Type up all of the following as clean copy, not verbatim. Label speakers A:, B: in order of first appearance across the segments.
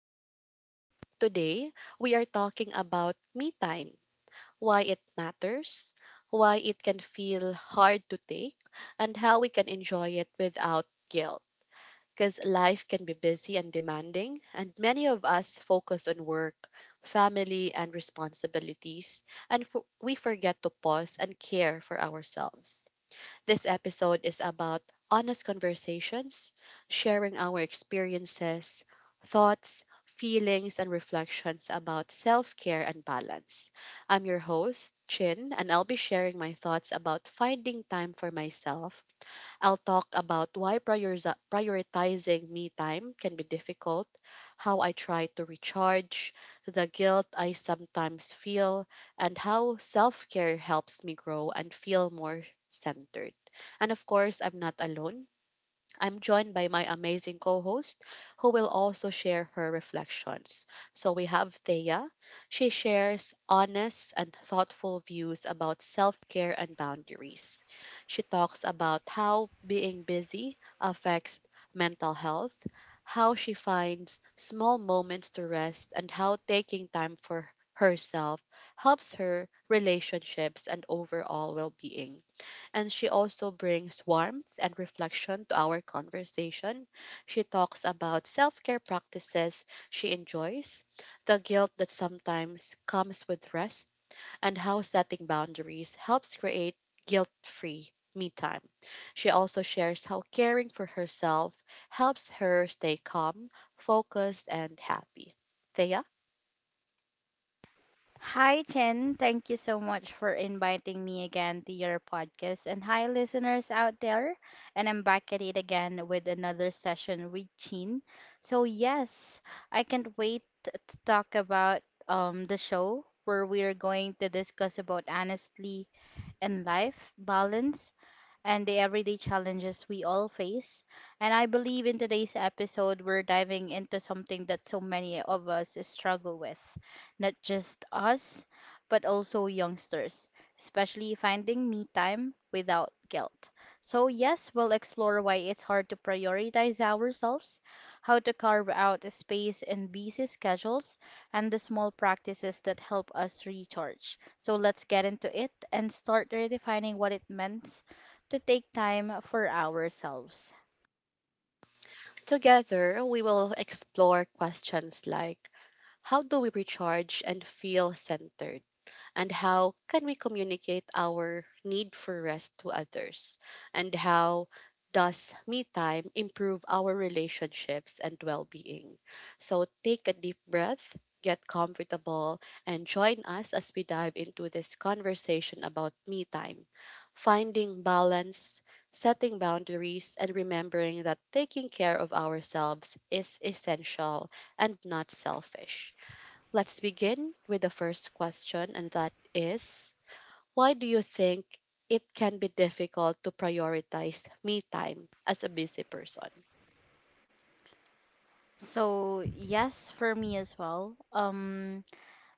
A: podcast. Today, we are talking about me time, why it matters, why it can feel hard to take, and how we can enjoy it without guilt. Because life can be busy and demanding, and many of us focus on work, family, and responsibilities, and we forget to pause and care for ourselves. This episode is about honest conversations, sharing our experiences, thoughts, feelings, and reflections about self care and balance. I'm your host, Chin, and I'll be sharing my thoughts about finding time for myself. I'll talk about why prioritizing me time can be difficult, how I try to recharge, the guilt I sometimes feel, and how self care helps me grow and feel more centered. And of course, I'm not alone. I'm joined by my amazing co host, who will also share her reflections. So we have Thea. She shares honest and thoughtful views about self care and boundaries. She talks about how being busy affects mental health, how she finds small moments to rest, and how taking time for herself helps her relationships and overall well being. And she also brings warmth and reflection to our conversation. She talks about self care practices she enjoys, the guilt that sometimes comes with rest, and how setting boundaries helps create guilt free me time. She also shares how caring for herself helps her stay calm, focused, and happy. Thea,
B: Hi, Chen. Thank you so much for inviting me again to your podcast. And hi, listeners out there. And I'm back at it again with another session with Chin. So, yes, I can't wait to talk about the show where we are going to discuss about honestly and life, balance, and the everyday challenges we all face. And I believe in today's episode, we're diving into something that so many of us struggle with, not just us, but also youngsters, especially finding me time without guilt. So, yes, we'll explore why it's hard to prioritize ourselves, how to carve out a space in busy schedules, and the small practices that help us recharge. So, let's get into it and start redefining what it means to take time for ourselves.
A: together we will explore questions like how do we recharge and feel centered? And how can we communicate our need for rest to others? And how does me time improve our relationships and well-being? So take a deep breath, get comfortable, and join us as we dive into this conversation about me time, finding balance, setting boundaries, and remembering that taking care of ourselves is essential and not selfish. Let's begin with the first question, and that is, why do you think it can be difficult to prioritize me time as a busy person?
B: So, yes, for me as well.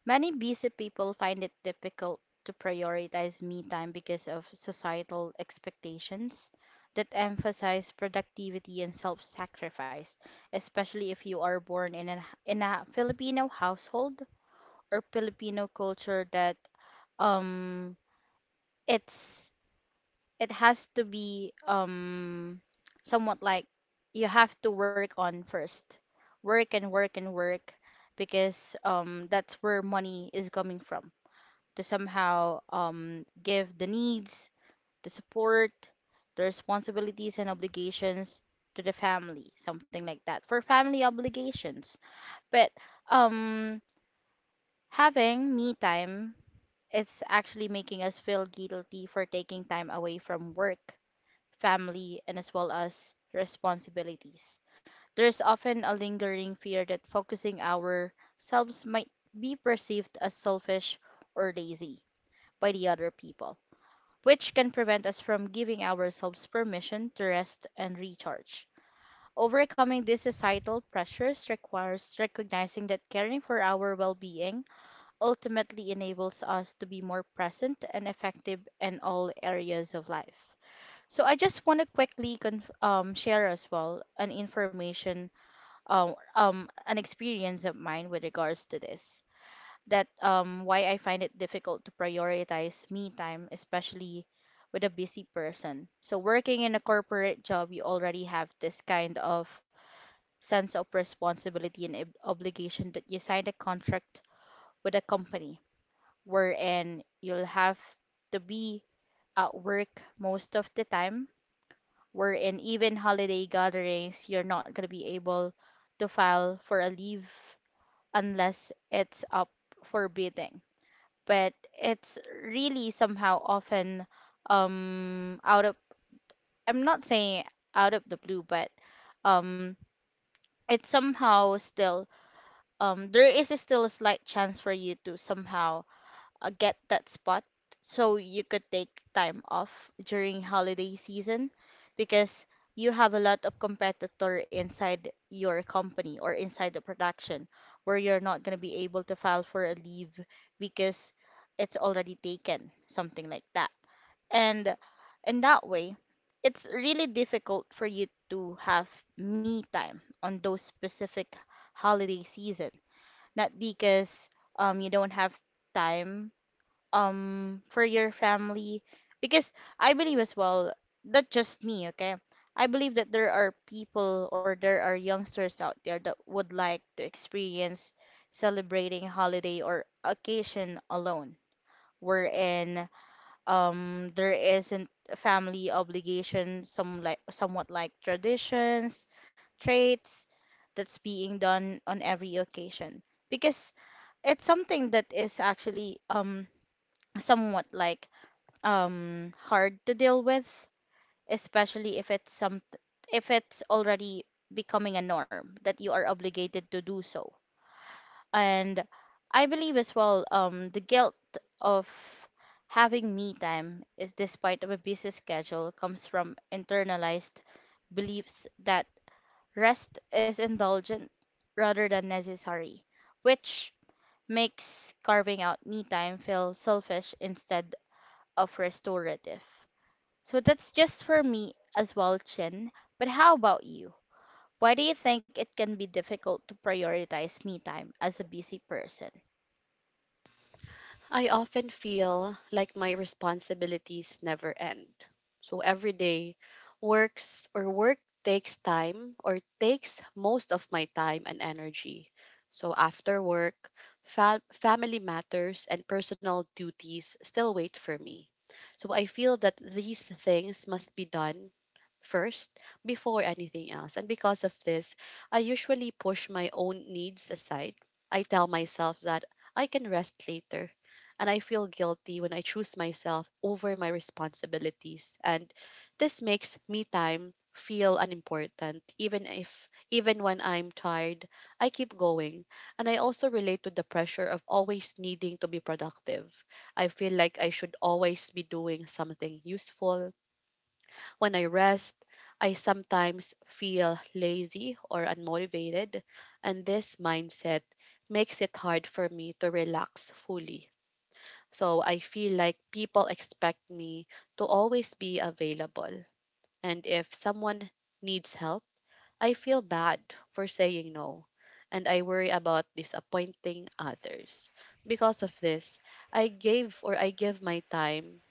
B: Many busy people find it difficult to prioritize me time because of societal expectations that emphasize productivity and self-sacrifice, especially if you are born in a Filipino household or Filipino culture that um it's, it has to be, somewhat like, you have to work on first. Work and work and work, because that's where money is coming from, to somehow give the needs, the support, the responsibilities and obligations to the family, something like that, for family obligations. But um, having me time is actually making us feel guilty for taking time away from work, family, and as well as responsibilities. There's often a lingering fear that focusing ourselves might be perceived as selfish or lazy by the other people, which can prevent us from giving ourselves permission to rest and recharge. Overcoming these societal pressures requires recognizing that caring for our well being ultimately enables us to be more present and effective in all areas of life. So, I just want to quickly share as well an information, an experience of mine with regards to this, that why I find it difficult to prioritize me time, especially with a busy person. So working in a corporate job, you already have this kind of sense of responsibility and obligation, that you signed a contract with a company wherein you'll have to be at work most of the time, wherein even holiday gatherings, you're not going to be able to file for a leave unless it's up for bidding. But it's really somehow often, out of, I'm not saying out of the blue, but um it's somehow still, there is still a slight chance for you to somehow get that spot, so you could take time off during holiday season, because you have a lot of competitor inside your company or inside the production, where you're not going to be able to file for a leave because it's already taken, something like that. And in that way, it's really difficult for you to have me time on those specific holiday season, not because you don't have time for your family. Because I believe as well, not just me, okay, I believe that there are people or there are youngsters out there that would like to experience celebrating holiday or occasion alone, wherein there isn't a family obligation, some like somewhat like traditions, traits, that's being done on every occasion, because it's something that is actually somewhat like hard to deal with, especially if it's some, if it's already becoming a norm that you are obligated to do so. And I believe as well, the guilt of having me time is despite of a busy schedule, comes from internalized beliefs that rest is indulgent rather than necessary, which makes carving out me time feel selfish instead of restorative. So that's just for me as well, Chin. But how about you? Why do you think it can be difficult to prioritize me time as a busy person?
A: I often feel like my responsibilities never end. So every day work takes time or takes most of my time and energy. So after work, family matters and personal duties still wait for me. So I feel that these things must be done first before anything else. And because of this, I usually push my own needs aside. I tell myself that I can rest later and I feel guilty when I choose myself over my responsibilities. And this makes me time feel unimportant. Even if Even when I'm tired, I keep going. And I also relate to the pressure of always needing to be productive. I feel like I should always be doing something useful. When I rest, I sometimes feel lazy or unmotivated, and this mindset makes it hard for me to relax fully. So I feel like people expect me to always be available. And if someone needs help, I feel bad for saying no. And I worry about disappointing others. Because of this, I gave or I give my time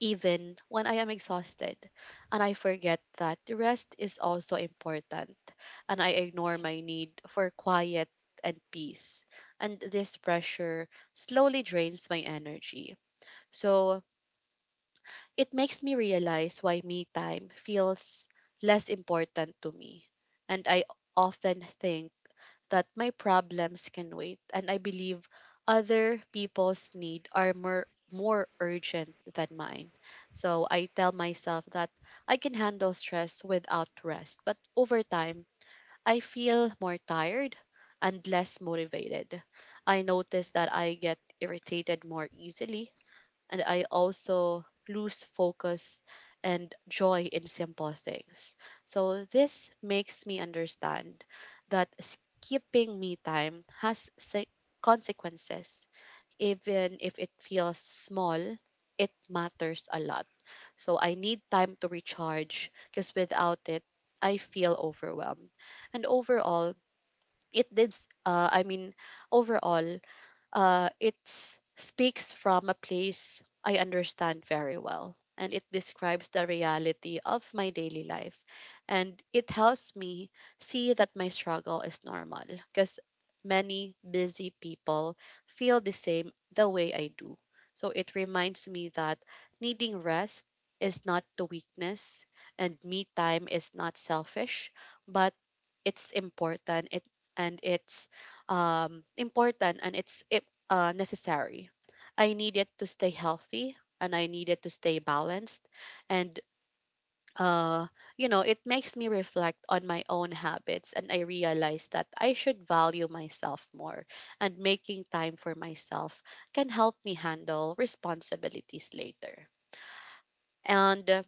A: even when I am exhausted. And I forget that rest is also important. And I ignore my need for quiet and peace. And this pressure slowly drains my energy. So, it makes me realize why me time feels less important to me. And I often think that my problems can wait, and I believe other people's need are more urgent than mine. So I tell myself that I can handle stress without rest, but over time I feel more tired and less motivated. I notice that I get irritated more easily and I also lose focus and joy in simple things. So this makes me understand that skipping me time has consequences. Even if it feels small, it matters a lot. So I need time to recharge because without it, I feel overwhelmed. And overall, it did, s- I mean, overall, it speaks from a place I understand very well, and it describes the reality of my daily life. And it helps me see that my struggle is normal because many busy people feel the way I do. So it reminds me that needing rest is not the weakness and me time is not selfish, but it's important it, and it's important and necessary. I needed to stay healthy and I needed to stay balanced. And, uh, it makes me reflect on my own habits and I realize that I should value myself more. And making time for myself can help me handle responsibilities later. And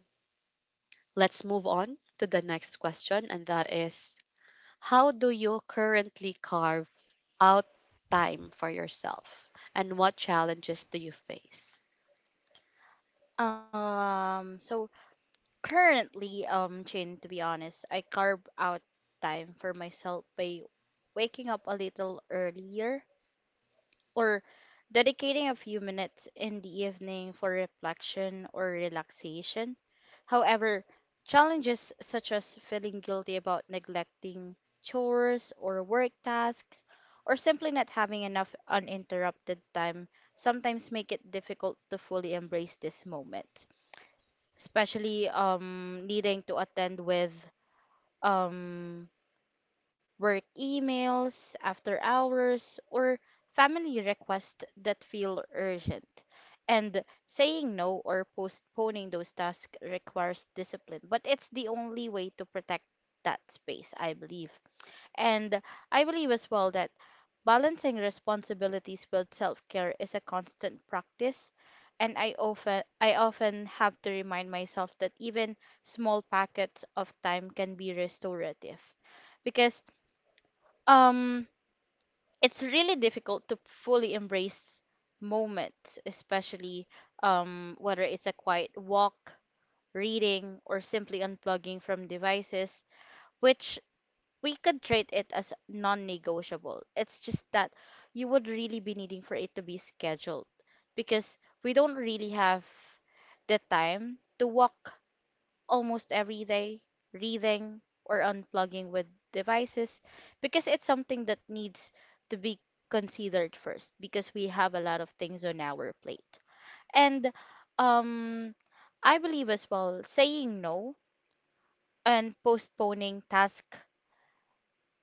A: let's move on to the next question, and that is, how do you currently carve out time for yourself? And what challenges do you face?
B: So currently, Chin, to be honest, I carve out time for myself by waking up a little earlier or dedicating a few minutes in the evening for reflection or relaxation. However, challenges such as feeling guilty about neglecting chores or work tasks, or simply not having enough uninterrupted time, sometimes make it difficult to fully embrace this moment, especially needing to attend with um work emails, after hours, or family requests that feel urgent. And saying no or postponing those tasks requires discipline, but it's the only way to protect that space, I believe. And I believe as well that balancing responsibilities with self-care is a constant practice. And I often have to remind myself that even small packets of time can be restorative. Because um it's really difficult to fully embrace moments, especially whether it's a quiet walk, reading, or simply unplugging from devices, which we could treat it as non negotiable. It's just that you would really be needing for it to be scheduled, because we don't really have the time to walk almost every day, reading or unplugging with devices, because it's something that needs to be considered first, because we have a lot of things on our plate. And um I believe as well, saying no and postponing task,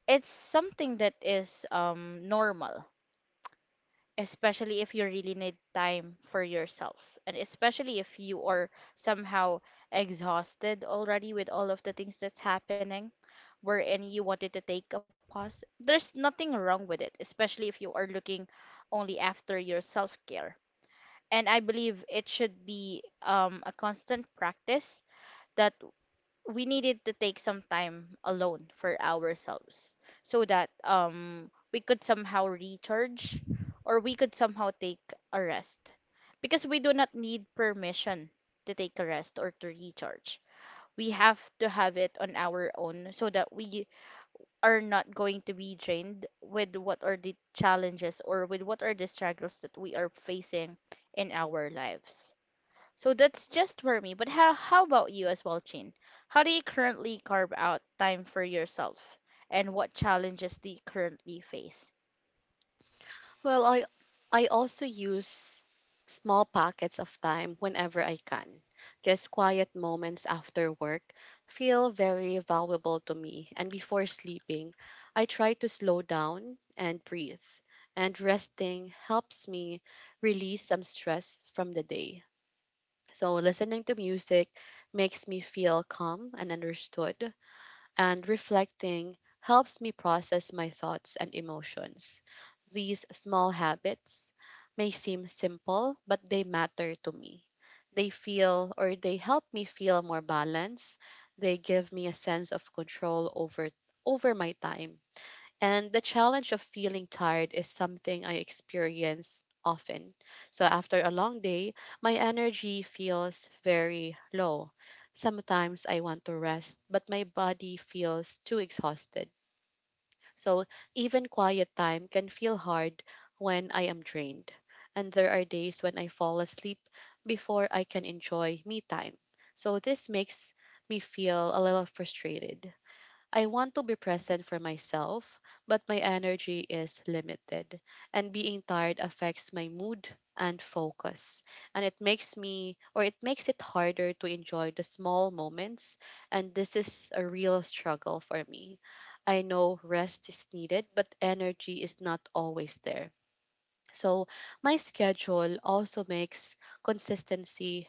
B: it's something that is normal, especially if you really need time for yourself, and especially if you are somehow exhausted already with all of the things that's happening, wherein you wanted to take a pause. There's nothing wrong with it, especially if you are looking only after your self care. And I believe it should be a constant practice that we needed to take some time alone for ourselves, so that we could somehow recharge, or we could somehow take a rest. Because we do not need permission to take a rest or to recharge. We have to have it on our own, so that we are not going to be drained with what are the challenges or with what are the struggles that we are facing in our lives. So that's just for me. But how about you as well, Chin? How do you currently carve out time for yourself? And what challenges do you currently face?
A: Well, I also use small pockets of time whenever I can. Just quiet moments after work feel very valuable to me. And before sleeping, I try to slow down and breathe. And resting helps me release some stress from the day. So listening to music makes me feel calm and understood, and reflecting helps me process my thoughts and emotions. These small habits may seem simple, but they matter to me. They help me feel more balanced. They give me a sense of control over my time. And the challenge of feeling tired is something I experience often. So after a long day, my energy feels very low. Sometimes I want to rest, but my body feels too exhausted. So even quiet time can feel hard when I am drained. And there are days when I fall asleep before I can enjoy me time. So this makes me feel a little frustrated. I want to be present for myself, but my energy is limited. And being tired affects my mood and focus. And it makes it harder to enjoy the small moments. And this is a real struggle for me. I know rest is needed, but energy is not always there. So, my schedule also makes consistency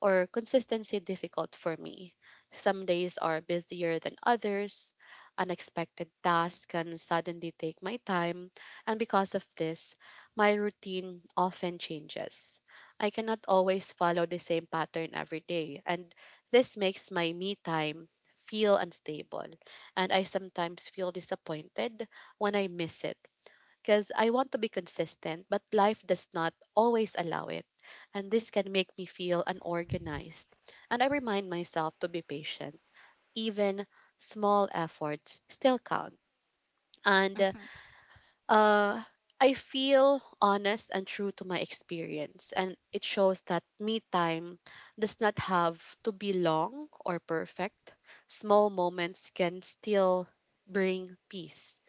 A: consistency difficult for me. Some days are busier than others. Unexpected tasks can suddenly take my time, and because of this, my routine often changes. I cannot always follow the same pattern every day, and this makes my me time feel unstable, and I sometimes feel disappointed when I miss it because I want to be consistent, but life does not always allow it. And this can make me feel unorganized. And I remind myself to be patient. Even small efforts still count. And
B: Mhm.
A: uh, I feel honest and true to my experience. And it shows that me time does not have to be long or perfect. Small moments can still bring peace,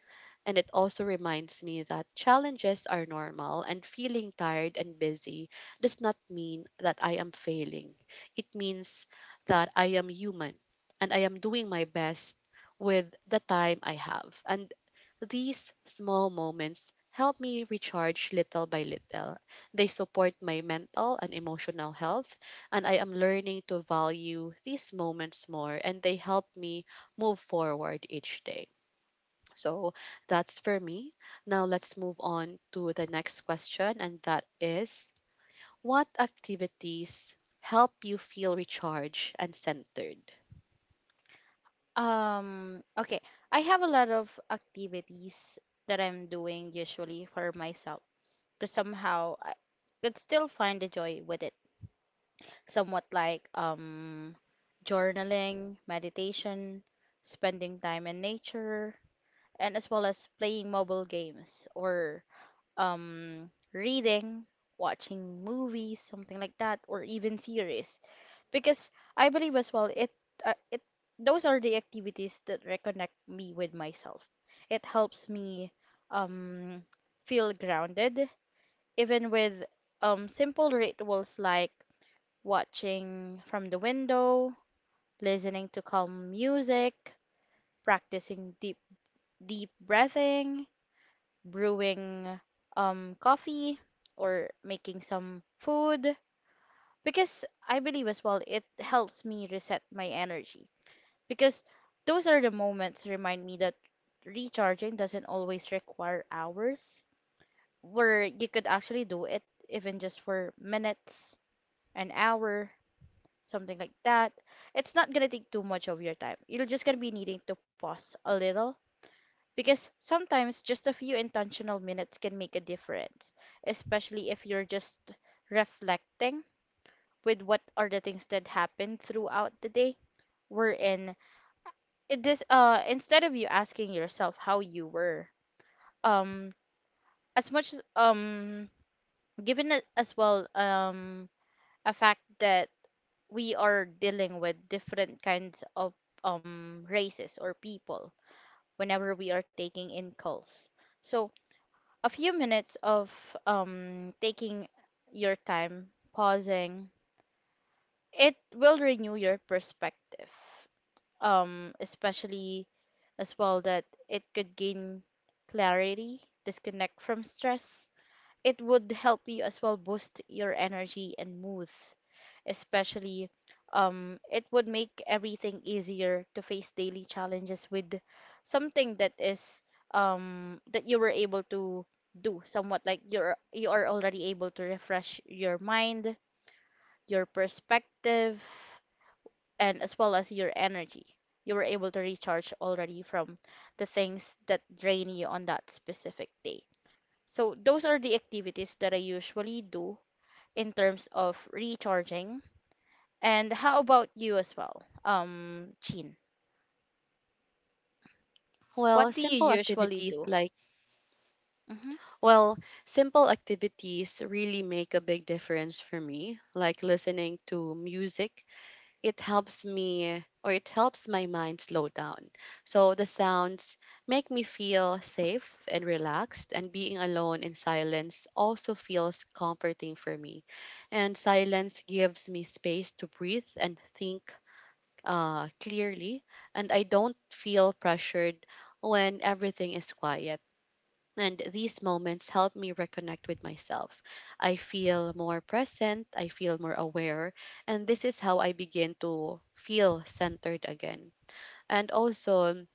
A: and it also reminds me that challenges are normal and feeling tired and busy does not mean that I am failing. It means that I am human and I am doing my best with the time I have. And these small moments help me recharge little by little. They support my mental and emotional health, and I am learning to value these moments more, and they help me move forward each day. So that's for me. Now let's move on to the next question, and that is, what activities help you feel recharged and centered?
B: Okay. I have a lot of activities that I'm doing usually for myself, to somehow I could still find the joy within, somewhat like journaling, meditation, spending time in nature, and as well as playing mobile games, or reading, watching movies, something like that, or even series. Because I believe as well, it, those are the activities that reconnect me with myself. It helps me um, feel grounded, even with simple rituals like watching from the window, listening to calm music, practicing deep breathing, brewing coffee or making some food, because I believe as well it helps me reset my energy, because those are the moments remind me that recharging doesn't always require hours, where you could actually do it even just for minutes, an hour, something like that. It's not gonna take too much of your time. You're just gonna be needing to pause a little, because sometimes just a few intentional minutes can make a difference, especially if you're just reflecting with what are the things that happened throughout the day. We're in it, this, instead of you asking yourself how you were, um as much as given as well a fact that we are dealing with different kinds of races or people whenever we are taking in calls. So, a few minutes of taking your time, pausing, it will renew your perspective, especially as well that it could gain clarity, disconnect from stress. It would help you as well boost your energy and mood, especially it would make everything easier to face daily challenges, with something that is that you were able to do, somewhat like you are already able to refresh your mind, your perspective, and as well as your energy. You were able to recharge already from the things that drain you on that specific day. So those are the activities that I usually do in terms of recharging. And how about you as well, Chin?
A: Well,
B: What do you
A: simple
B: usually
A: activities
B: do?
A: like,
B: Hmm.
A: well, simple activities really make a big difference for me, like listening to music. It helps my mind slow down. So the sounds make me feel safe and relaxed, and being alone in silence also feels comforting for me. And silence gives me space to breathe and think clearly, and I don't feel pressured when everything is quiet. And these moments help me reconnect with myself. I feel more present, I feel more aware, and this is how I begin to feel centered again. And also,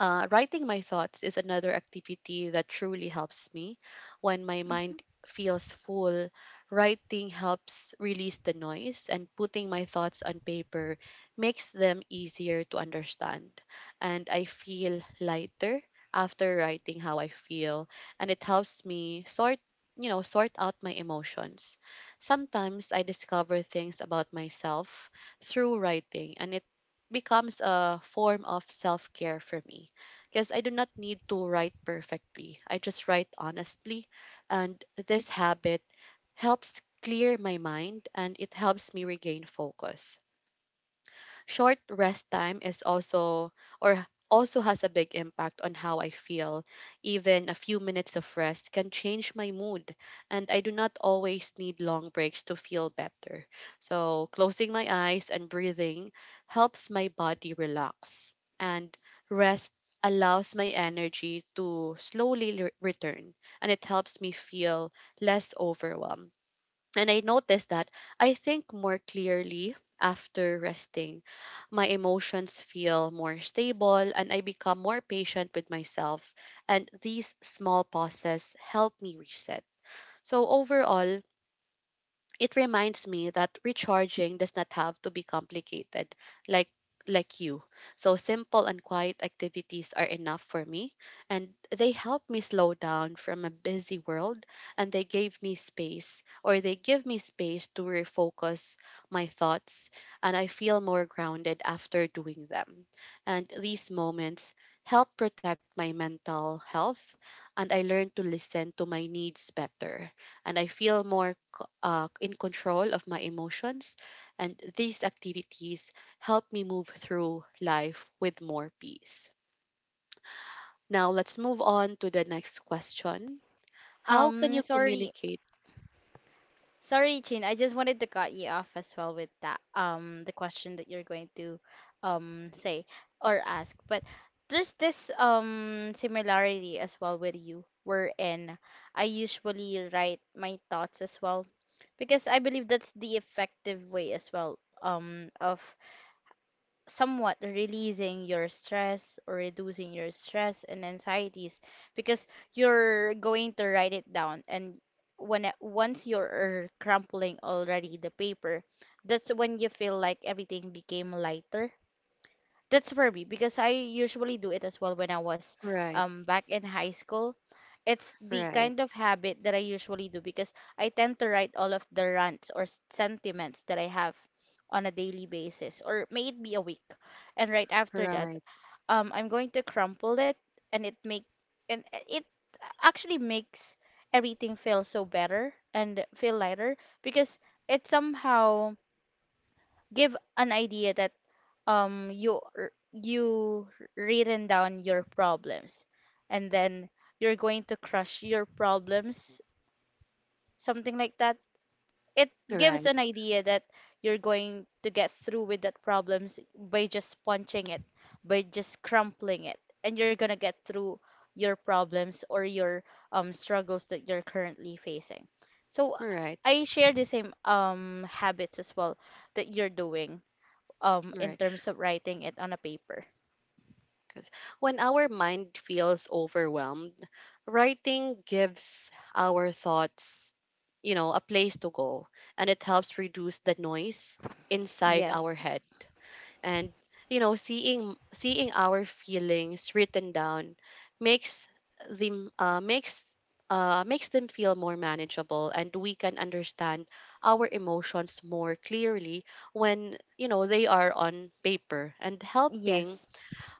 A: writing my thoughts is another activity that truly helps me. When my
B: Hmm.
A: mind feels full, writing helps release the noise, and putting my thoughts on paper makes them easier to understand. And I feel lighter after writing how I feel, and it helps me sort sort out my emotions. Sometimes I discover things about myself through writing and it becomes a form of self-care for me because I do not need to write perfectly. I just write honestly. And this habit helps clear my mind and it helps me regain focus. Short rest time is also or also has a big impact on how I feel. Even a few minutes of rest can change my mood, and I do not always need long breaks to feel better. So, closing my eyes and breathing helps my body relax, and rest allows my energy to slowly return, and it helps me feel less overwhelmed. And I noticed that I think more clearly after resting. My emotions feel more stable and I become more patient with myself. And these small pauses help me reset. So, overall, it reminds me that recharging does not have to be complicated like like you. So simple and quiet activities are enough for me and they help me slow down from a busy world and they gave me space or they give me space to refocus my thoughts and I feel more grounded after doing them. And these moments help protect my mental health and I learn to listen to my needs better and I feel more in control of my emotions. And these activities help me move through life with more peace. Now, let's move on to the next question. How can you
B: Sorry,
A: communicate?
B: sorry, Chin. I just wanted to cut you off as well with that. The question that you're going to, say or ask, but there's this similarity as well with you, wherein I usually write my thoughts as well, because I believe that's the effective way as well, of somewhat releasing your stress or reducing your stress and anxieties because you're going to write it down and once you're crumpling already the paper, that's when you feel like everything became lighter. That's for me, because I usually do it as well when I was
A: Right,
B: back in high school. It's the
A: right,
B: kind of habit that I usually do because I tend to write all of the rants or sentiments that I have on a daily basis or may it be a week. And right after that,
A: right,
B: I'm going to crumple it, and it make and it actually makes everything feel so better and feel lighter, because it somehow give an idea that you written down your problems, and then you're going to crush your problems, something like that. It gives
A: right,
B: an idea that you're going to get through with that problems by just punching it, by just crumpling it, and you're going to get through your problems or your struggles that you're currently facing. So
A: right,
B: I share the same habits as well that you're doing, in
A: right.
B: terms of writing it on a paper.
A: Because when our mind feels overwhelmed, writing gives our thoughts, a place to go and it helps reduce the noise inside
B: Yes.
A: our head and seeing our feelings written down makes them makes makes them feel more manageable and we can understand our emotions more clearly when they are on paper and
B: Yes.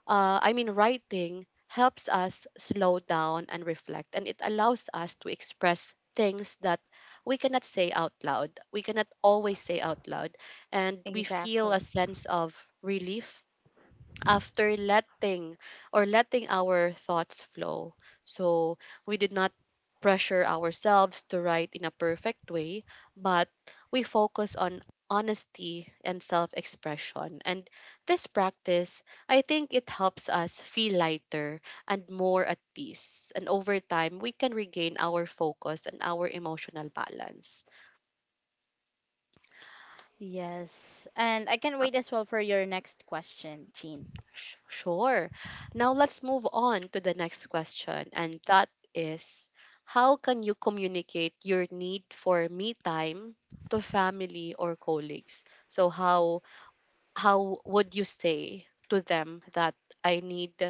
A: writing helps us slow down and reflect, and it allows us to express things that We cannot always say out loud. And we feel a
B: Exactly.
A: sense of relief after letting our thoughts flow. So we did not pressure ourselves to write in a perfect way, but we focus on honesty and self expression. And this practice, I think it helps us feel lighter and more at peace. And over time, we can regain our focus and our emotional balance.
B: Yes. And I can't wait as well for your next question, Jean.
A: Sure. Now let's move on to the next question, and that is how can you communicate your need for me time to family or colleagues? So how would you say to them that I need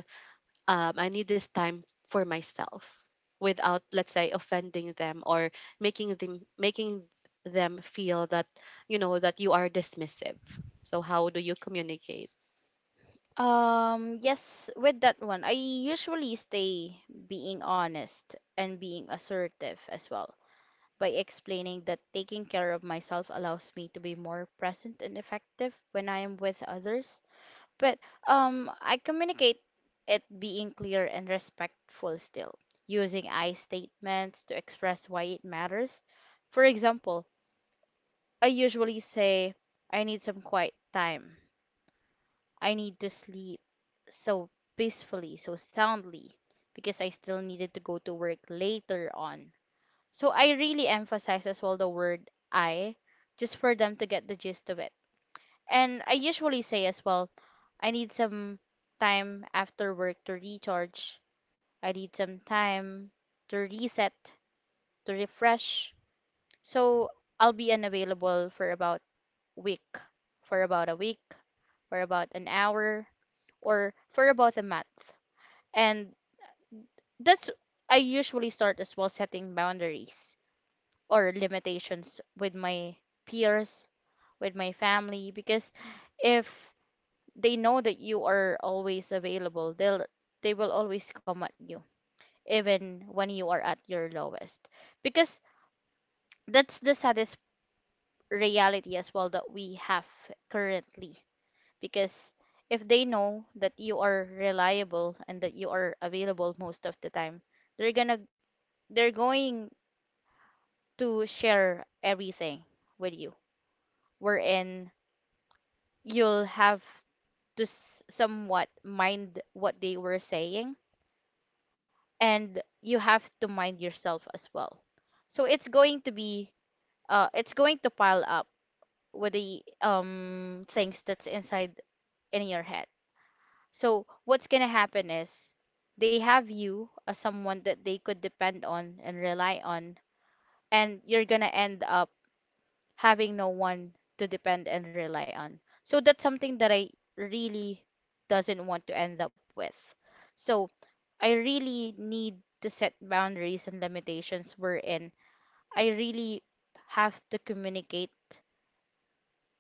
A: I need this time for myself without, let's say, offending them or making them feel that you know that you are dismissive. So how do you communicate?
B: Yes, with that one, I usually stay being honest and being assertive as well by explaining that taking care of myself allows me to be more present and effective when I am with others. But I communicate it being clear and respectful still, using I statements to express why it matters. For example, I usually say, I need some quiet time. I need to sleep so peacefully, so soundly, because I still needed to go to work later on. So I really emphasize as well the word I, just for them to get the gist of it. And I usually say as well, I need some time after work to recharge. I need some time to reset, to refresh. So I'll be unavailable for about week, for about a week, for about an hour, or for about a month. And that's I usually start as well setting boundaries or limitations with my peers, with my family, because if they know that you are always available, they will always come at you even when you are at your lowest, because that's the saddest reality as well that we have currently. Because if they know that you are reliable and that you are available most of the time, they're gonna they're going to share everything with you, wherein you'll have to somewhat mind what they were saying, and you have to mind yourself as well. So it's going to be it's going to pile up with the things that's inside in your head. So what's going to happen is they have you as someone that they could depend on and rely on, and you're going to end up having no one to depend and rely on. So that's something that I really doesn't want to end up with. So I really need to set boundaries and limitations, wherein I really have to communicate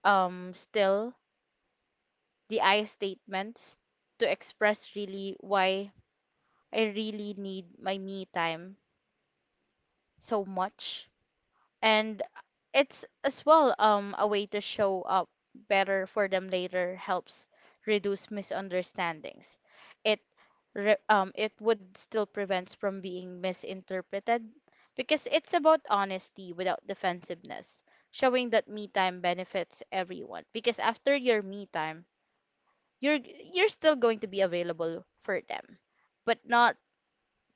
B: still the I statements to express really why I really need my me time so much. And it's as well a way to show up better for them later helps reduce misunderstandings. It it would still prevent from being misinterpreted because it's about honesty without defensiveness, showing that me time benefits everyone. Because after your me time, you're you're still going to be available for them, but not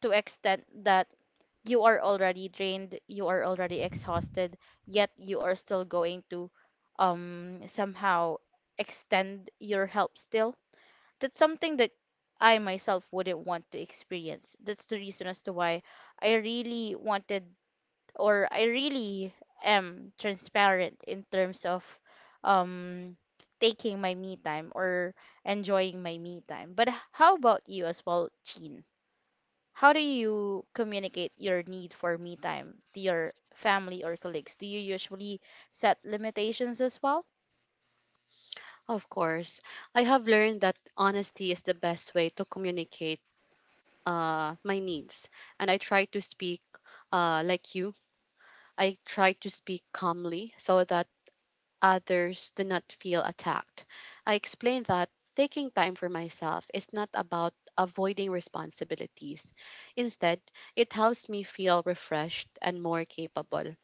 B: to extent that you are already drained, you are already exhausted, yet you are still going to somehow extend your help still. That's something that I myself wouldn't want to experience. That's the reason as to why I really wanted, or I really am transparent in terms of um taking my me time or enjoying my me time. But how about you as well, Jean? How do you communicate your need for me time to your family or colleagues? Do you usually set limitations as well?
A: Of course, I have learned that honesty is the best way to communicate my needs, and I try to speak like you. I try to speak calmly so that others do not feel attacked. I explain that taking time for myself is not about avoiding responsibilities. Instead, it helps me feel refreshed and more capable.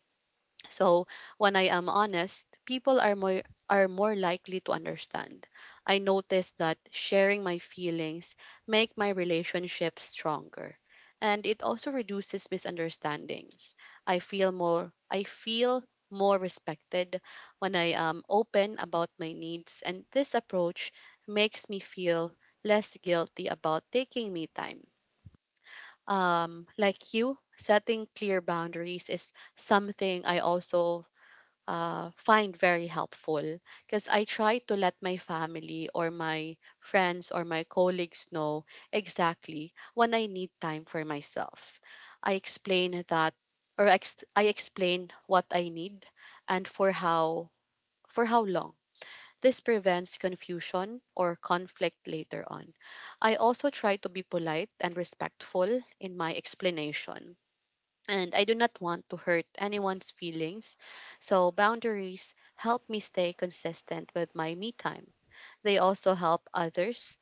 A: So when I am honest, people are more likely to understand. I noticed that sharing my feelings make my relationship stronger and it also reduces misunderstandings. I feel more respected when I am open about my needs, and this approach makes me feel less guilty about taking me time. Um, like you, setting clear boundaries is something I also find very helpful because I try to let my family or my friends or my colleagues know exactly when I need time for myself. I explain I explain what I need and for how long. This prevents confusion or conflict later on. I also try to be polite and respectful in my explanation, and I do not want to hurt anyone's feelings. So, boundaries help me stay consistent with my me time. They also help others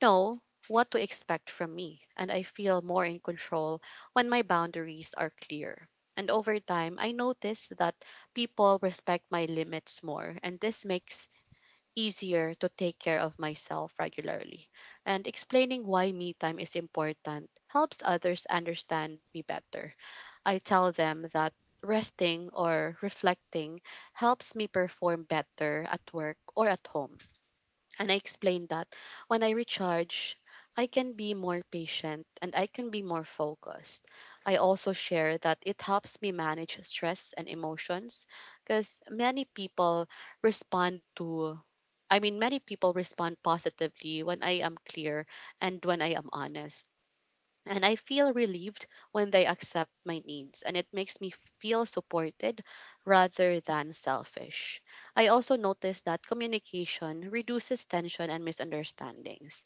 A: know what to expect from me, and I feel more in control when my boundaries are clear. And over time, I notice that people respect my limits more, and this makes easier to take care of myself regularly. And explaining why me time is important helps others understand me better. I tell them that resting or reflecting helps me perform better at work or at home. And I explain that when I recharge, I can be more patient and I can be more focused. I also share that it helps me manage stress and emotions because respond to many people respond positively when I am clear and when I am honest. And I feel relieved when they accept my needs, and it makes me feel supported rather than selfish. I also notice that communication reduces tension and misunderstandings.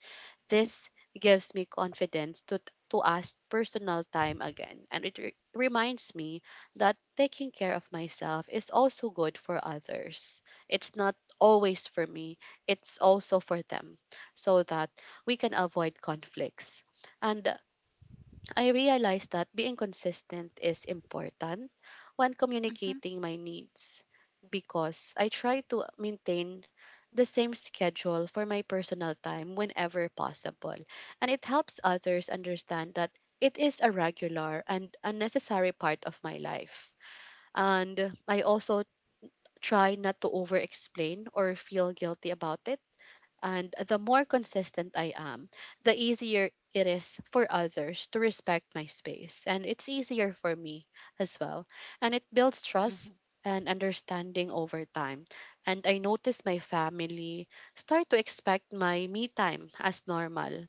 A: This gives me confidence to ask personal time again, and it reminds me that taking care of myself is also good for others. It's not always for me, it's also for them, so that we can avoid conflicts. And I realized that being consistent is important when
B: Mm-hmm.
A: communicating my needs because I try to maintain the same schedule for my personal time whenever possible. And it helps others understand that it is a regular and a necessary part of my life. And I also try not to over explain or feel guilty about it, and the more consistent I am, the easier it is for others to respect my space. And it's easier for me as well. And it builds trust and understanding over time. And I notice my family start to expect my me time as normal.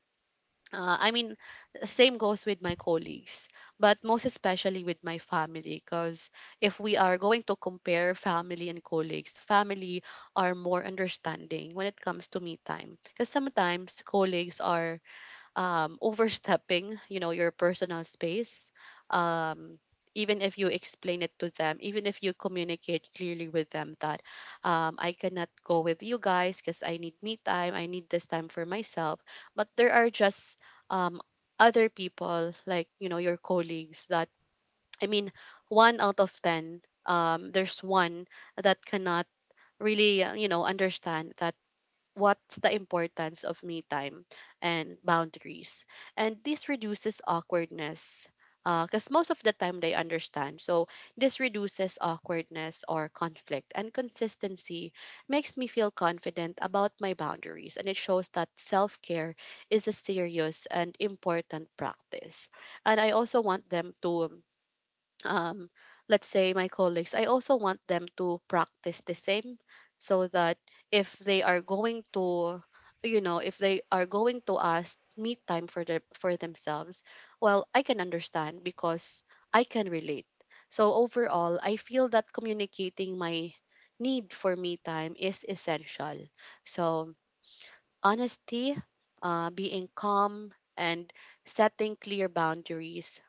A: uh, I mean, Same goes with my colleagues, but most especially with my family. Because if we are going to compare family and colleagues, family are more understanding when it comes to me time. Because sometimes colleagues are overstepping, you know, your personal space. Um, Even if you explain it to them, even if you communicate clearly with them that I cannot go with you guys because I need me time, I need this time for myself. But there are just um, other people, like, you know, your colleagues that, I mean, one out of 10, there's one that cannot really, you know, understand that what's the importance of me time and boundaries. And this reduces awkwardness because most of the time they understand. So this reduces awkwardness or conflict. And consistency makes me feel confident about my boundaries. And it shows that self care is a serious and important practice. And I also want them to, um, let's say my colleagues, I also want them to practice the same so that if they are going to, you know, if they are going to ask me time for their for themselves, well, I can understand because I can relate. So overall, I feel that communicating my need for me time is essential. So honesty, being calm, and setting clear boundaries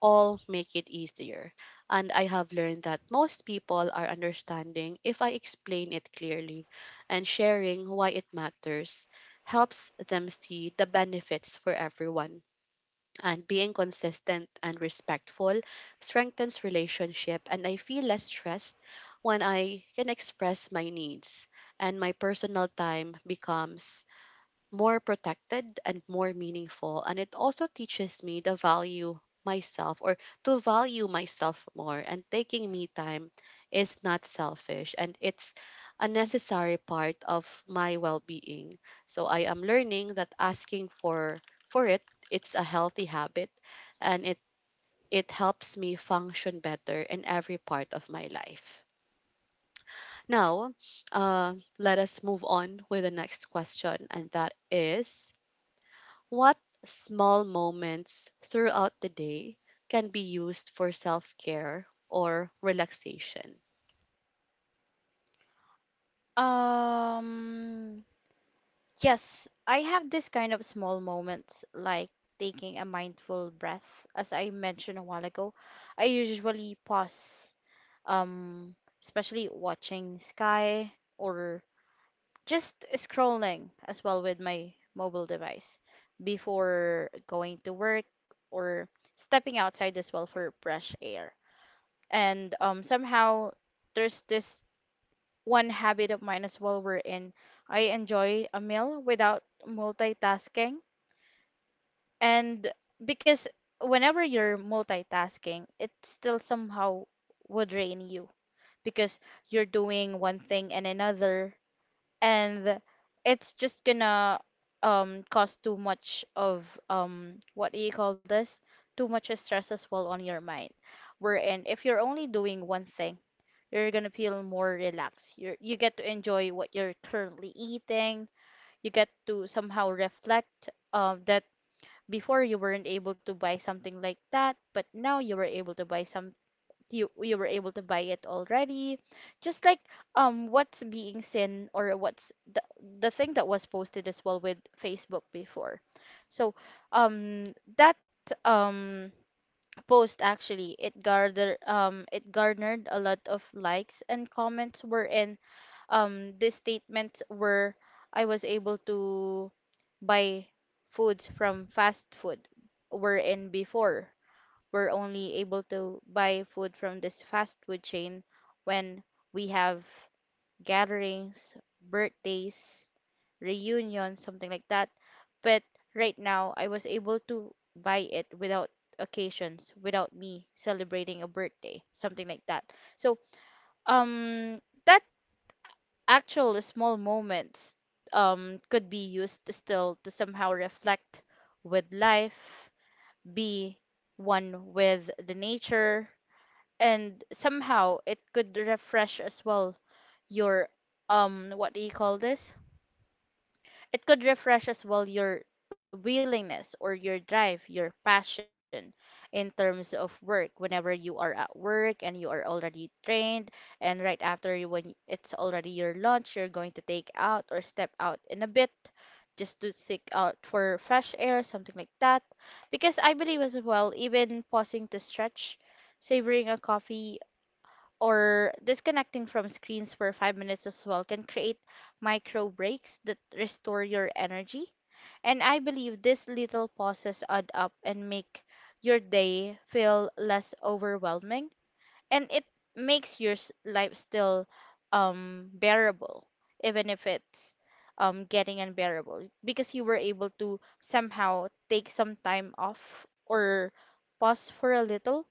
A: all make it easier. And I have learned that most people are understanding if I explain it clearly, and sharing why it matters helps them see the benefits for everyone. And being consistent and respectful strengthens relationship, and I feel less stressed when I can express my needs, and my personal time becomes more protected and more meaningful. And it also teaches me to value myself or to value myself more. And taking me time is not selfish and it's a necessary part of my well being. So I am learning that asking for it it's a healthy habit, and it helps me function better in every part of my life. Now, let us move on with the next question, and that is what small moments throughout the day can be used for self care or relaxation?
B: Um Yes, I have this kind of small moments like taking a mindful breath as I mentioned a while ago. I usually pause um especially watching sky, or just scrolling as well with my mobile device before going to work, or stepping outside as well for fresh air. And somehow there's this one habit of mine as well wherein I enjoy a meal without multitasking. And because whenever you're multitasking, it still somehow would drain you, because you're doing one thing and another, and it's just gonna cause too much of what do you call this? Too much stress as well on your mind. Wherein if you're only doing one thing, you're gonna feel more relaxed. You get to enjoy what you're currently eating. You get to somehow reflect that before you weren't able to buy something like that, but now you were able to buy some, you were able to buy it already. Just like what's being seen, or what's the thing that was posted as well with Facebook before. So that um post, actually it garnered a lot of likes and comments, wherein this statement were I was able to buy foods from fast food, wherein before we're only able to buy food from this fast food chain when we have gatherings, birthdays, reunions, something like that. But right now, I was able to buy it without occasions, without me celebrating a birthday, something like that. So, um, that actual small moments could be used to still to somehow reflect with life, be one with the nature, and somehow it could refresh as well your what do you call this. It could refresh as well your willingness or your drive, your passion in terms of work whenever you are at work and you are already trained, and right after you, when it's already your lunch, you're going to take out or step out in a bit just to seek out for fresh air, something like that. Because I believe as well even pausing to stretch, savoring a coffee, or disconnecting from screens for 5 minutes as well can create micro breaks that restore your energy. And I believe these little pauses add up and make your day feel less overwhelming, and it makes your life still bearable, even if it's getting unbearable, because you were able to somehow take some time off or pause for a little.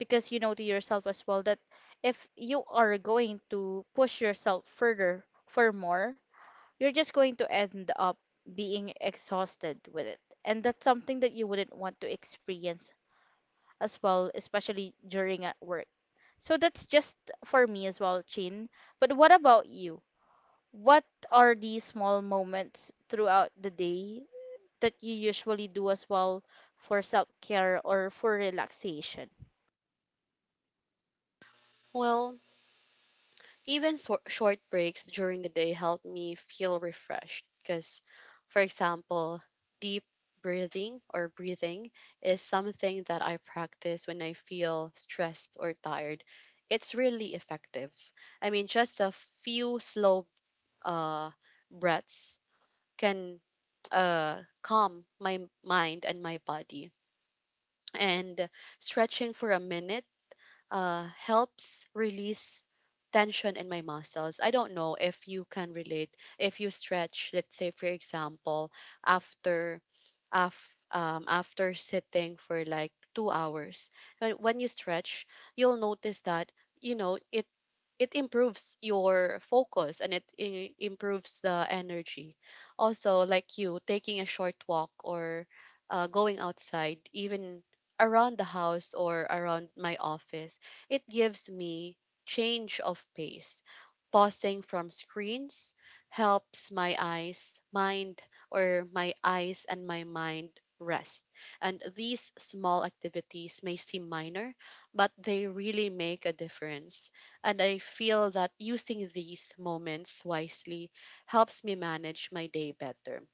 B: Because you know to yourself as well that if you are going to push yourself further for more, you're just going to end up being exhausted with it, and that's something that you wouldn't want to experience as well, especially during at work. So that's just for me as well, Chin. But what about you? What are these small moments throughout the day that you usually do as well for self care or for relaxation?
A: Well, even short breaks during the day help me feel refreshed because, for example, deep breathing or breathing is something that I practice when I feel stressed or tired. It's really effective. I mean, just a few slow uh, breaths can calm my mind and my body. And stretching for a minute helps release tension in my muscles. I don't know if you can relate. If you stretch, let's say for example, after after sitting for like two hours, when you stretch, you'll notice that you know it improves your focus and it improves the energy. Also, like you, taking a short walk or going outside, even around the house or around my office, it gives me change of pace. Pausing from screens helps my eyes and my mind rest. And these small activities may seem minor, but they really make a difference. And I feel that using these moments wisely helps me manage my day better.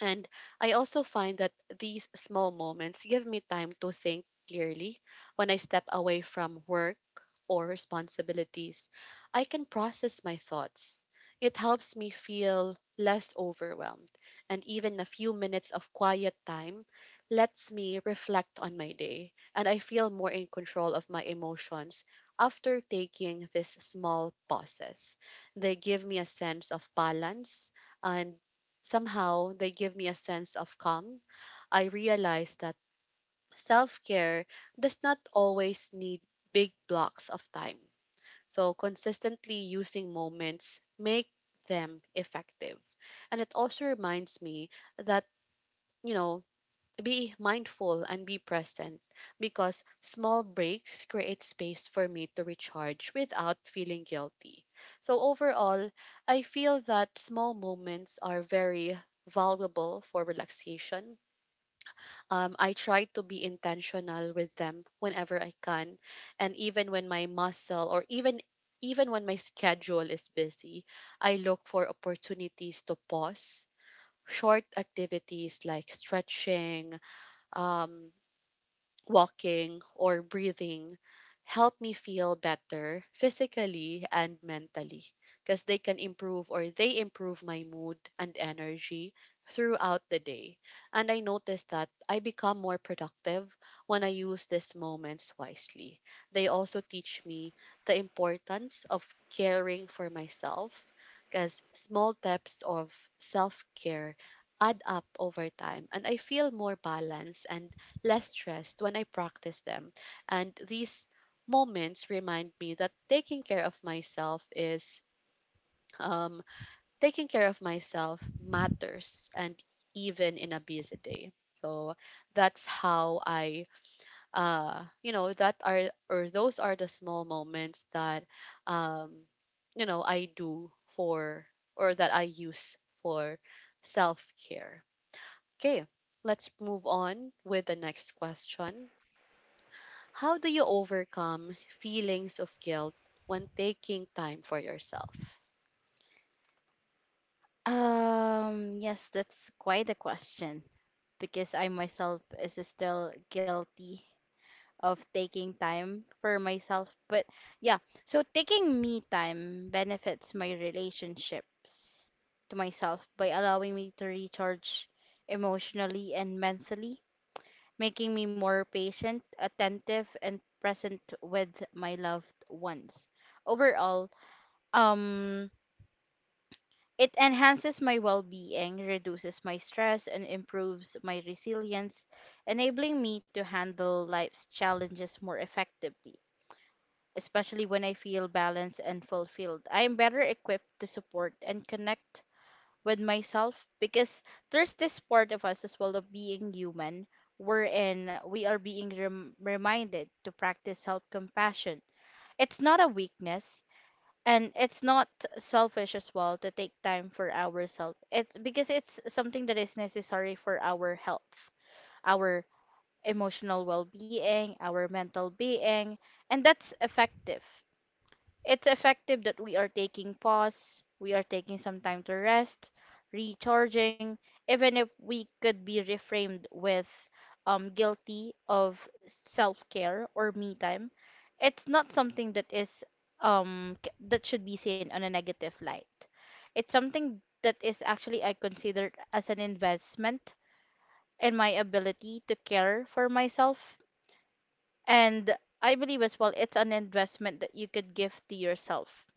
A: And I also find that these small moments give me time to think clearly. When I step away from work or responsibilities, I can process my thoughts. It helps me feel less overwhelmed, and even a few minutes of quiet time lets me reflect on my day, and I feel more in control of my emotions after taking these small pauses. They give me a sense of balance and somehow, they give me a sense of calm. I realize that self care does not always need big blocks of time. So, consistently using moments make them effective. And it also reminds me that, you know, be mindful and be present because small breaks create space for me to recharge without feeling guilty. So, overall, I feel that small moments are very valuable for relaxation. I try to be intentional with them whenever I can, and even when my schedule is busy, I look for opportunities to pause. Short activities like stretching, um, walking, or breathing help me feel better physically and mentally because they improve my mood and energy throughout the day. And I noticed that I become more productive when I use these moments wisely. They also teach me the importance of caring for myself because small steps of self care add up over time, and I feel more balanced and less stressed when I practice them. And these moments remind me that um taking care of myself matters, and even in a busy day. So that's how I you know that are or those are the small moments that um I do for or that I use for self-care. Okay, let's move on with the next question. How do you overcome feelings of guilt when taking time for yourself?
B: Yes, that's quite a question because I myself is still guilty of taking time for myself. But yeah, so taking me time benefits my relationships to myself by allowing me to recharge emotionally and mentally, making me more patient, attentive, and present with my loved ones. Overall, um, it enhances my well being, reduces my stress, and improves my resilience, enabling me to handle life's challenges more effectively, especially when I feel balanced and fulfilled. I am better equipped to support and connect with myself because there's this part of us as well of being human wherein we are being reminded to practice self compassion. It's not a weakness, and it's not selfish as well to take time for ourselves. It's because it's something that is necessary for our health, our emotional well being, our mental being, and that's effective, it's effective that we are taking pause, we are taking some time to rest, recharging, even if we could be reframed with guilty of self care or me time. It's not something that is that should be seen on a negative light. It's something that is actually I consider as an investment in my ability to care for myself, and I believe as well it's an investment that you could give to yourself,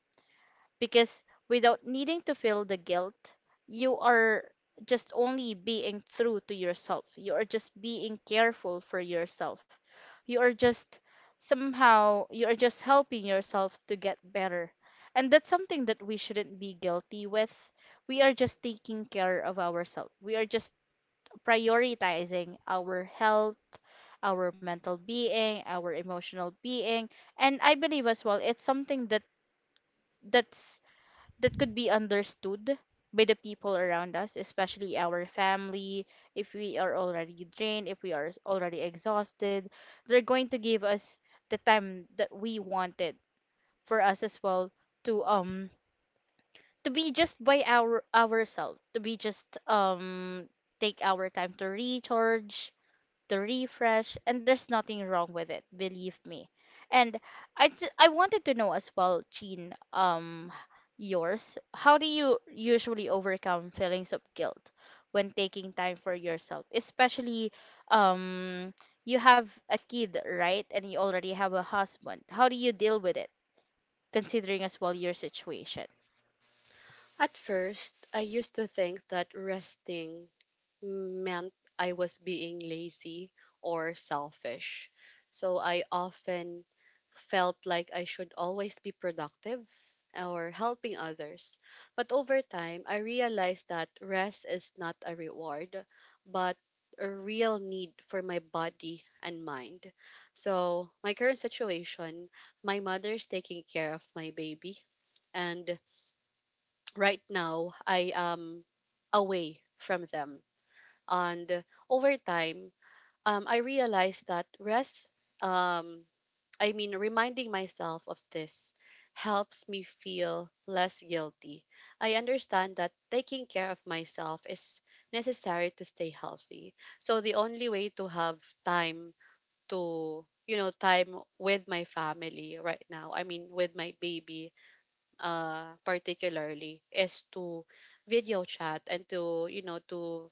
B: because without needing to feel the guilt, you are just only being true to yourself. You are just being careful for yourself. You are just somehow you are just helping yourself to get better. And that's something that we shouldn't be guilty with. We are just taking care of ourselves. We are just prioritizing our health, our mental being, our emotional being. And I believe as well it's something that that's that could be understood by the people around us, especially our family. If we are already drained, if we are already exhausted, they're going to give us the time that we wanted for us as well to um to be just by our ourselves, to be just take our time to recharge, the refresh, and there's nothing wrong with it, believe me. And I wanted to know as well, Jean, yours. How do you usually overcome feelings of guilt when taking time for yourself, especially um you have a kid, right? And you already have a husband. How do you deal with it, considering as well your situation?
A: At first, I used to think that resting meant I was being lazy or selfish. So I often felt like I should always be productive or helping others. But over time, I realized that rest is not a reward, but a real need for my body and mind. So, my current situation, my mother is taking care of my baby, and right now I am away from them, and over time, I realized that rest, um, I mean, reminding myself of this helps me feel less guilty. I understand that taking care of myself is necessary to stay healthy. So the only way to have time to, you know, time with my family right now, I mean, with my baby, particularly, is to video chat and to, you know, to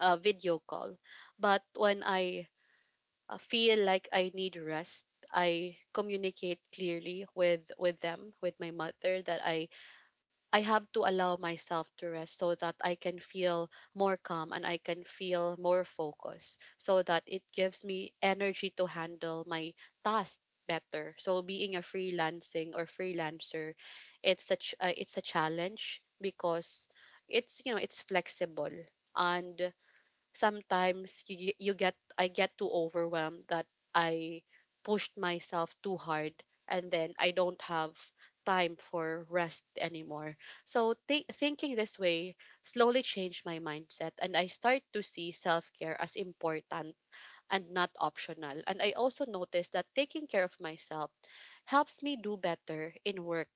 A: video call. But when I feel like I need rest, I communicate clearly with them, with my mother, that I have to allow myself to rest so that I can feel more calm and I can feel more focused, so that it gives me energy to handle my task better. So being a freelancing or freelancer, it's a challenge because it's, you know, it's flexible, and sometimes you, you get I get too overwhelmed that I pushed myself too hard and then I don't have time for rest anymore. So thinking this way slowly changed my mindset, and I start to see self-care as important and not optional. And I also noticed that taking care of myself helps me do better in work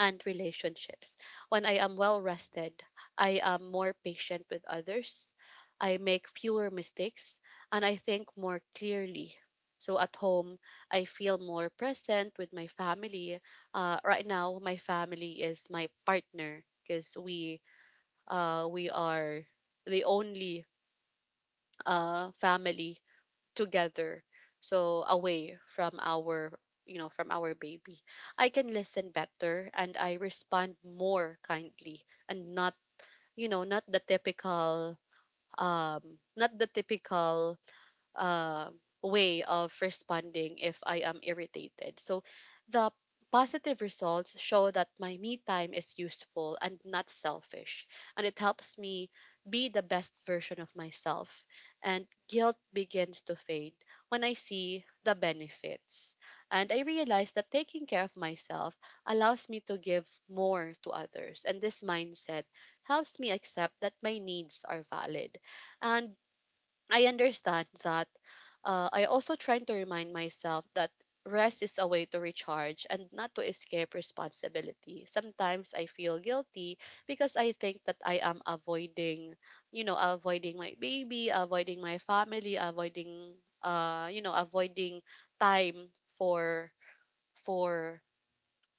A: and relationships. When I am well rested, I am more patient with others, I make fewer mistakes, and I think more clearly. So at home, I feel more present with my family. Right now, my family is my partner because we are the only family together, so away from our, you know, from our baby, I can listen better and I respond more kindly, and not, you know, not the typical um not the typical uh, way of responding if I am irritated. So the positive results show that my me time is useful and not selfish, and it helps me be the best version of myself. And guilt begins to fade when I see the benefits. And I realize that taking care of myself allows me to give more to others, and this mindset helps me accept that my needs are valid. And I understand that. I also try to remind myself that rest is a way to recharge and not to escape responsibility. Sometimes I feel guilty because I think that I am avoiding, you know, avoiding my baby, avoiding my family, avoiding, you know, avoiding time for for,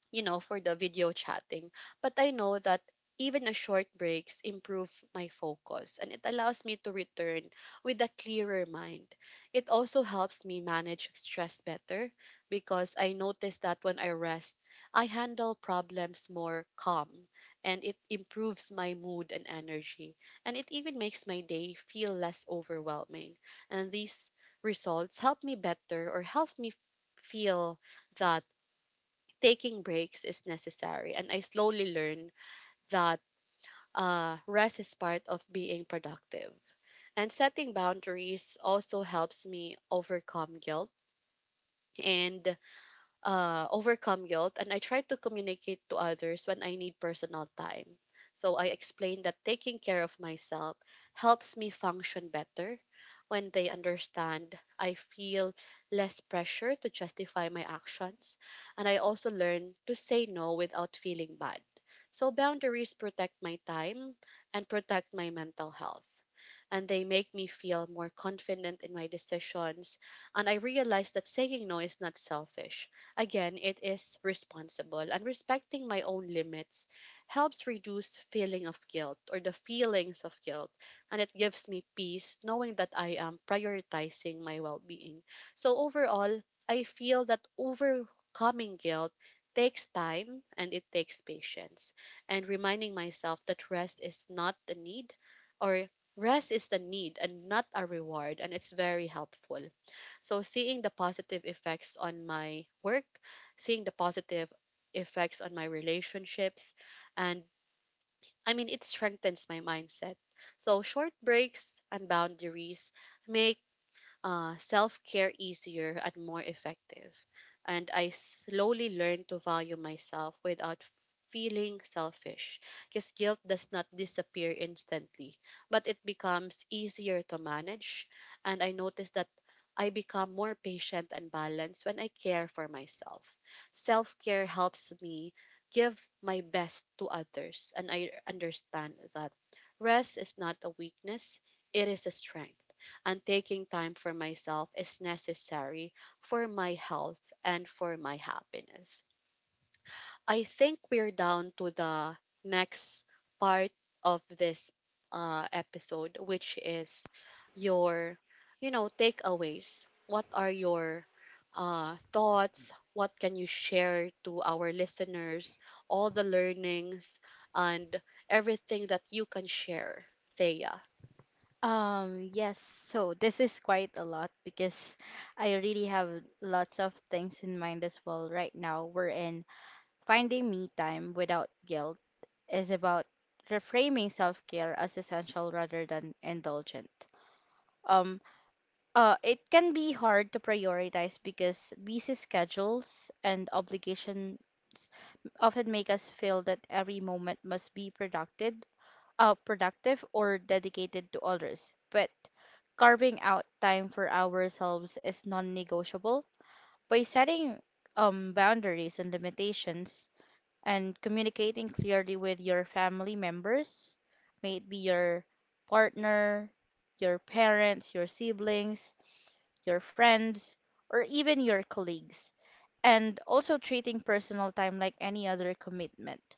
A: you know, for the video chatting. But I know that even a short breaks improve my focus and it allows me to return with a clearer mind. It also helps me manage stress better because I notice that when I rest, I handle problems more calm, and it improves my mood and energy, and it even makes my day feel less overwhelming. And these results help me feel that taking breaks is necessary, and I slowly learned that rest is part of being productive. And setting boundaries also helps me overcome guilt and overcome guilt, and I try to communicate to others when I need personal time. So I explain that taking care of myself helps me function better. When they understand, I feel less pressure to justify my actions, and I also learn to say no without feeling bad. So boundaries protect my time and protect my mental health. And they make me feel more confident in my decisions, and I realize that saying no is not selfish. Again, it is responsible, and respecting my own limits helps reduce feeling of guilt or the feelings of guilt, and it gives me peace knowing that I am prioritizing my well-being. So overall, I feel that overcoming guilt takes time and it takes patience, and reminding myself that or rest is the need and not a reward, and it's very helpful. So seeing the positive effects on my work, seeing the positive effects on my relationships, and, I mean, it strengthens my mindset. So short breaks and boundaries make self care easier and more effective. And I slowly learned to value myself without feeling selfish, because guilt does not disappear instantly, but it becomes easier to manage. And I noticed that I become more patient and balanced when I care for myself. Self care helps me give my best to others, and I understand that rest is not a weakness, it is a strength, and taking time for myself is necessary for my health and for my happiness. I think we're down to the next part of this episode, which is your, you know, takeaways. What are your thoughts? What can you share to our listeners? All the learnings and everything that you can share, Thea.
B: Yes, so this is quite a lot because I really have lots of things in mind as well right now. We're in finding me time without guilt is about reframing self care as essential rather than indulgent. Um, it can be hard to prioritize because busy schedules and obligations often make us feel that every moment must be productive productive or dedicated to others, but carving out time for ourselves is non-negotiable. By setting boundaries and limitations and communicating clearly with your family members, may it be your partner, your parents, your siblings, your friends, or even your colleagues, and also treating personal time like any other commitment,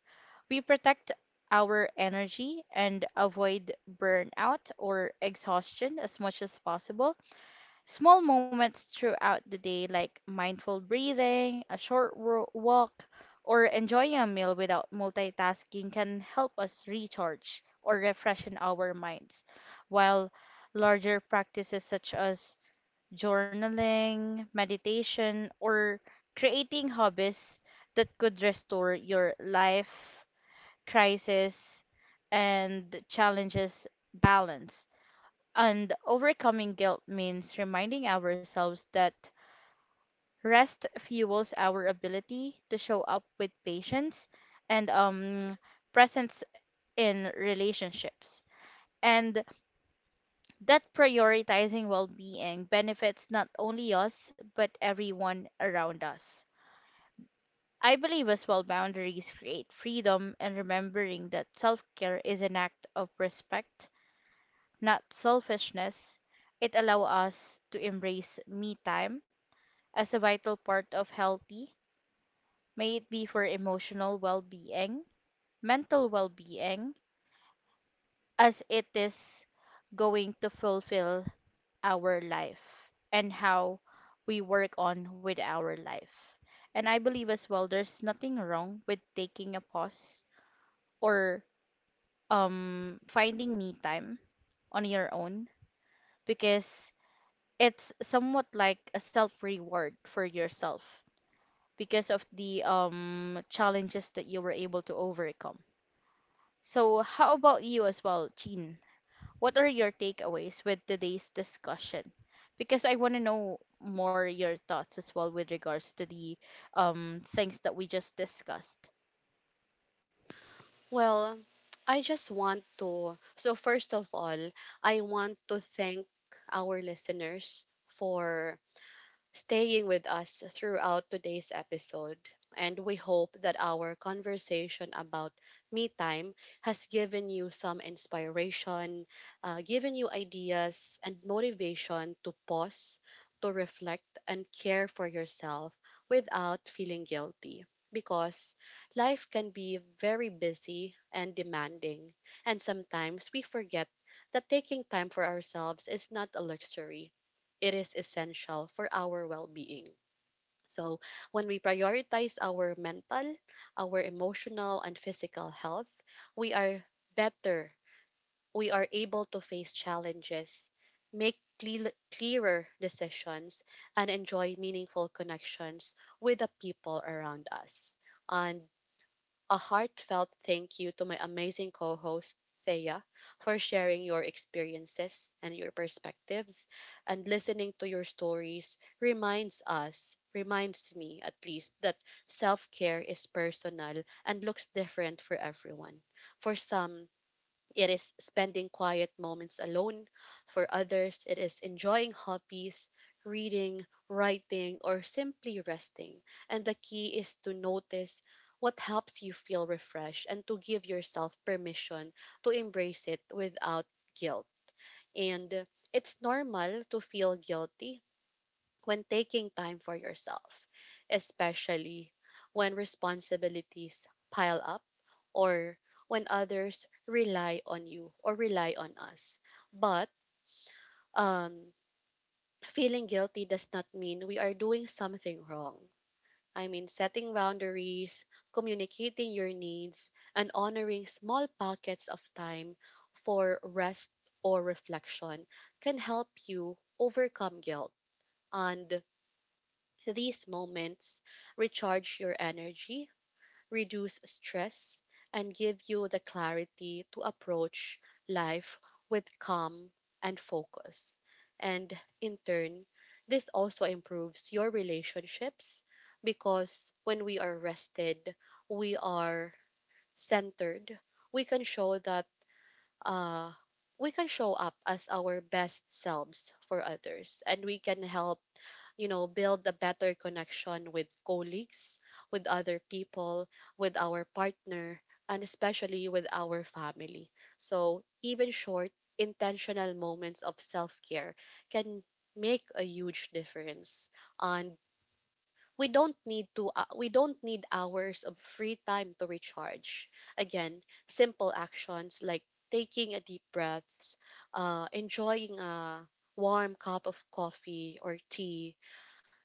B: we protect our energy and avoid burnout or exhaustion as much as possible. Small moments throughout the day, like mindful breathing, a short walk, or enjoying a meal without multitasking, can help us recharge or refreshen our minds, while larger practices such as journaling, meditation, or creating hobbies that could restore your life crisis and challenges balance. And overcoming guilt means reminding ourselves that rest fuels our ability to show up with patience and, presence in relationships. And that prioritizing well being benefits not only us, but everyone around us. I believe as well boundaries create freedom and remembering that self care is an act of respect, not selfishness. It allows us to embrace me time as a vital part of healthy, may it be for emotional well being, mental well being, as it is going to fulfill our life and how we work on with our life. And I believe as well there's nothing wrong with taking a pause or finding me time on your own because it's somewhat like a self reward for yourself because of the challenges that you were able to overcome. So how about you as well, Chin? What are your takeaways with today's discussion? Because I want to know more your thoughts as well with regards to the things that we just discussed.
A: Well, I just want to. So, first of all, I want to thank our listeners for staying with us throughout today's episode. And we hope that our conversation about me time has given you some inspiration, given you ideas and motivation to pause, to reflect, and care for yourself without feeling guilty. Because life can be very busy and demanding, and sometimes we forget that taking time for ourselves is not a luxury, it is essential for our well being. So, when we prioritize our mental, our emotional, and physical health, we are better. We are able to face challenges, make cle- clearer decisions, and enjoy meaningful connections with the people around us. And a heartfelt thank you to my amazing co host, Thea, for sharing your experiences and your perspectives. And listening to your stories reminds us, reminds me at least, that self care is personal and looks different for everyone. For some, it is spending quiet moments alone. For others, it is enjoying hobbies, reading, writing, or simply resting. And the key is to notice what helps you feel refreshed, and to give yourself permission to embrace it without guilt. And it's normal to feel guilty when taking time for yourself, especially when responsibilities pile up, or when others rely on you or rely on us. But um, feeling guilty does not mean we are doing something wrong. I mean, setting boundaries, communicating your needs, and honoring small pockets of time for rest or reflection can help you overcome guilt, and these moments recharge your energy, reduce stress, and give you the clarity to approach life with calm and focus. And in turn, this also improves your relationships, because when we are rested, we are centered, we can show that uh we can show up as our best selves for others, and we can help, you know, build a better connection with colleagues, with other people, with our partner, and especially with our family. So, even short, intentional moments of self care can make a huge difference. And we don't need hours of free time to recharge. Again, simple actions like taking a deep breaths, enjoying a warm cup of coffee or tea,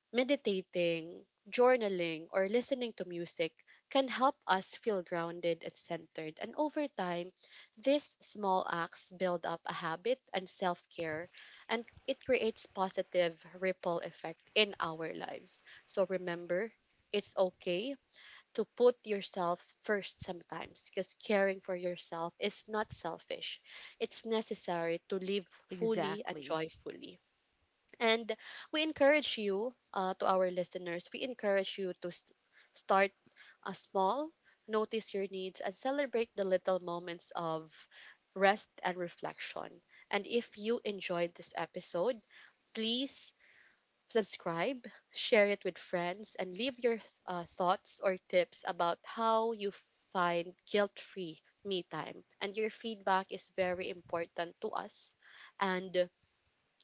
A: meditating, journaling, or listening to music can help us feel grounded and centered. And over time, these small acts build up a habit and self care, and it creates positive ripple effect in our lives. So remember, it's okay to put yourself first sometimes, because caring for yourself is not selfish. It's necessary to live fully and
B: Exactly.
A: joyfully. And we encourage you, to our listeners, we encourage you to s start a small, notice your needs, and celebrate the little moments of rest and reflection. And if you enjoyed this episode, please subscribe, share it with friends, and leave your thoughts or tips about how you find guilt free me time. And your feedback is very important to us. And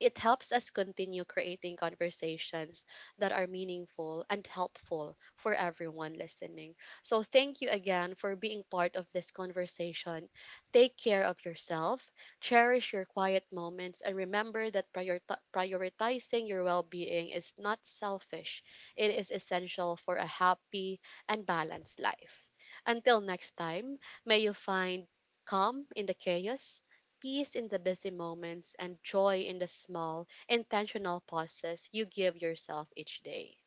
A: it helps us continue creating conversations that are meaningful and helpful for everyone listening. So, thank you again for being part of this conversation. Take care of yourself, cherish your quiet moments, and remember that prioritizing your well being is not selfish, it is essential for a happy and balanced life. Until next time, may you find calm in the chaos, peace in the busy moments, and joy in the small, intentional pauses you give yourself each day.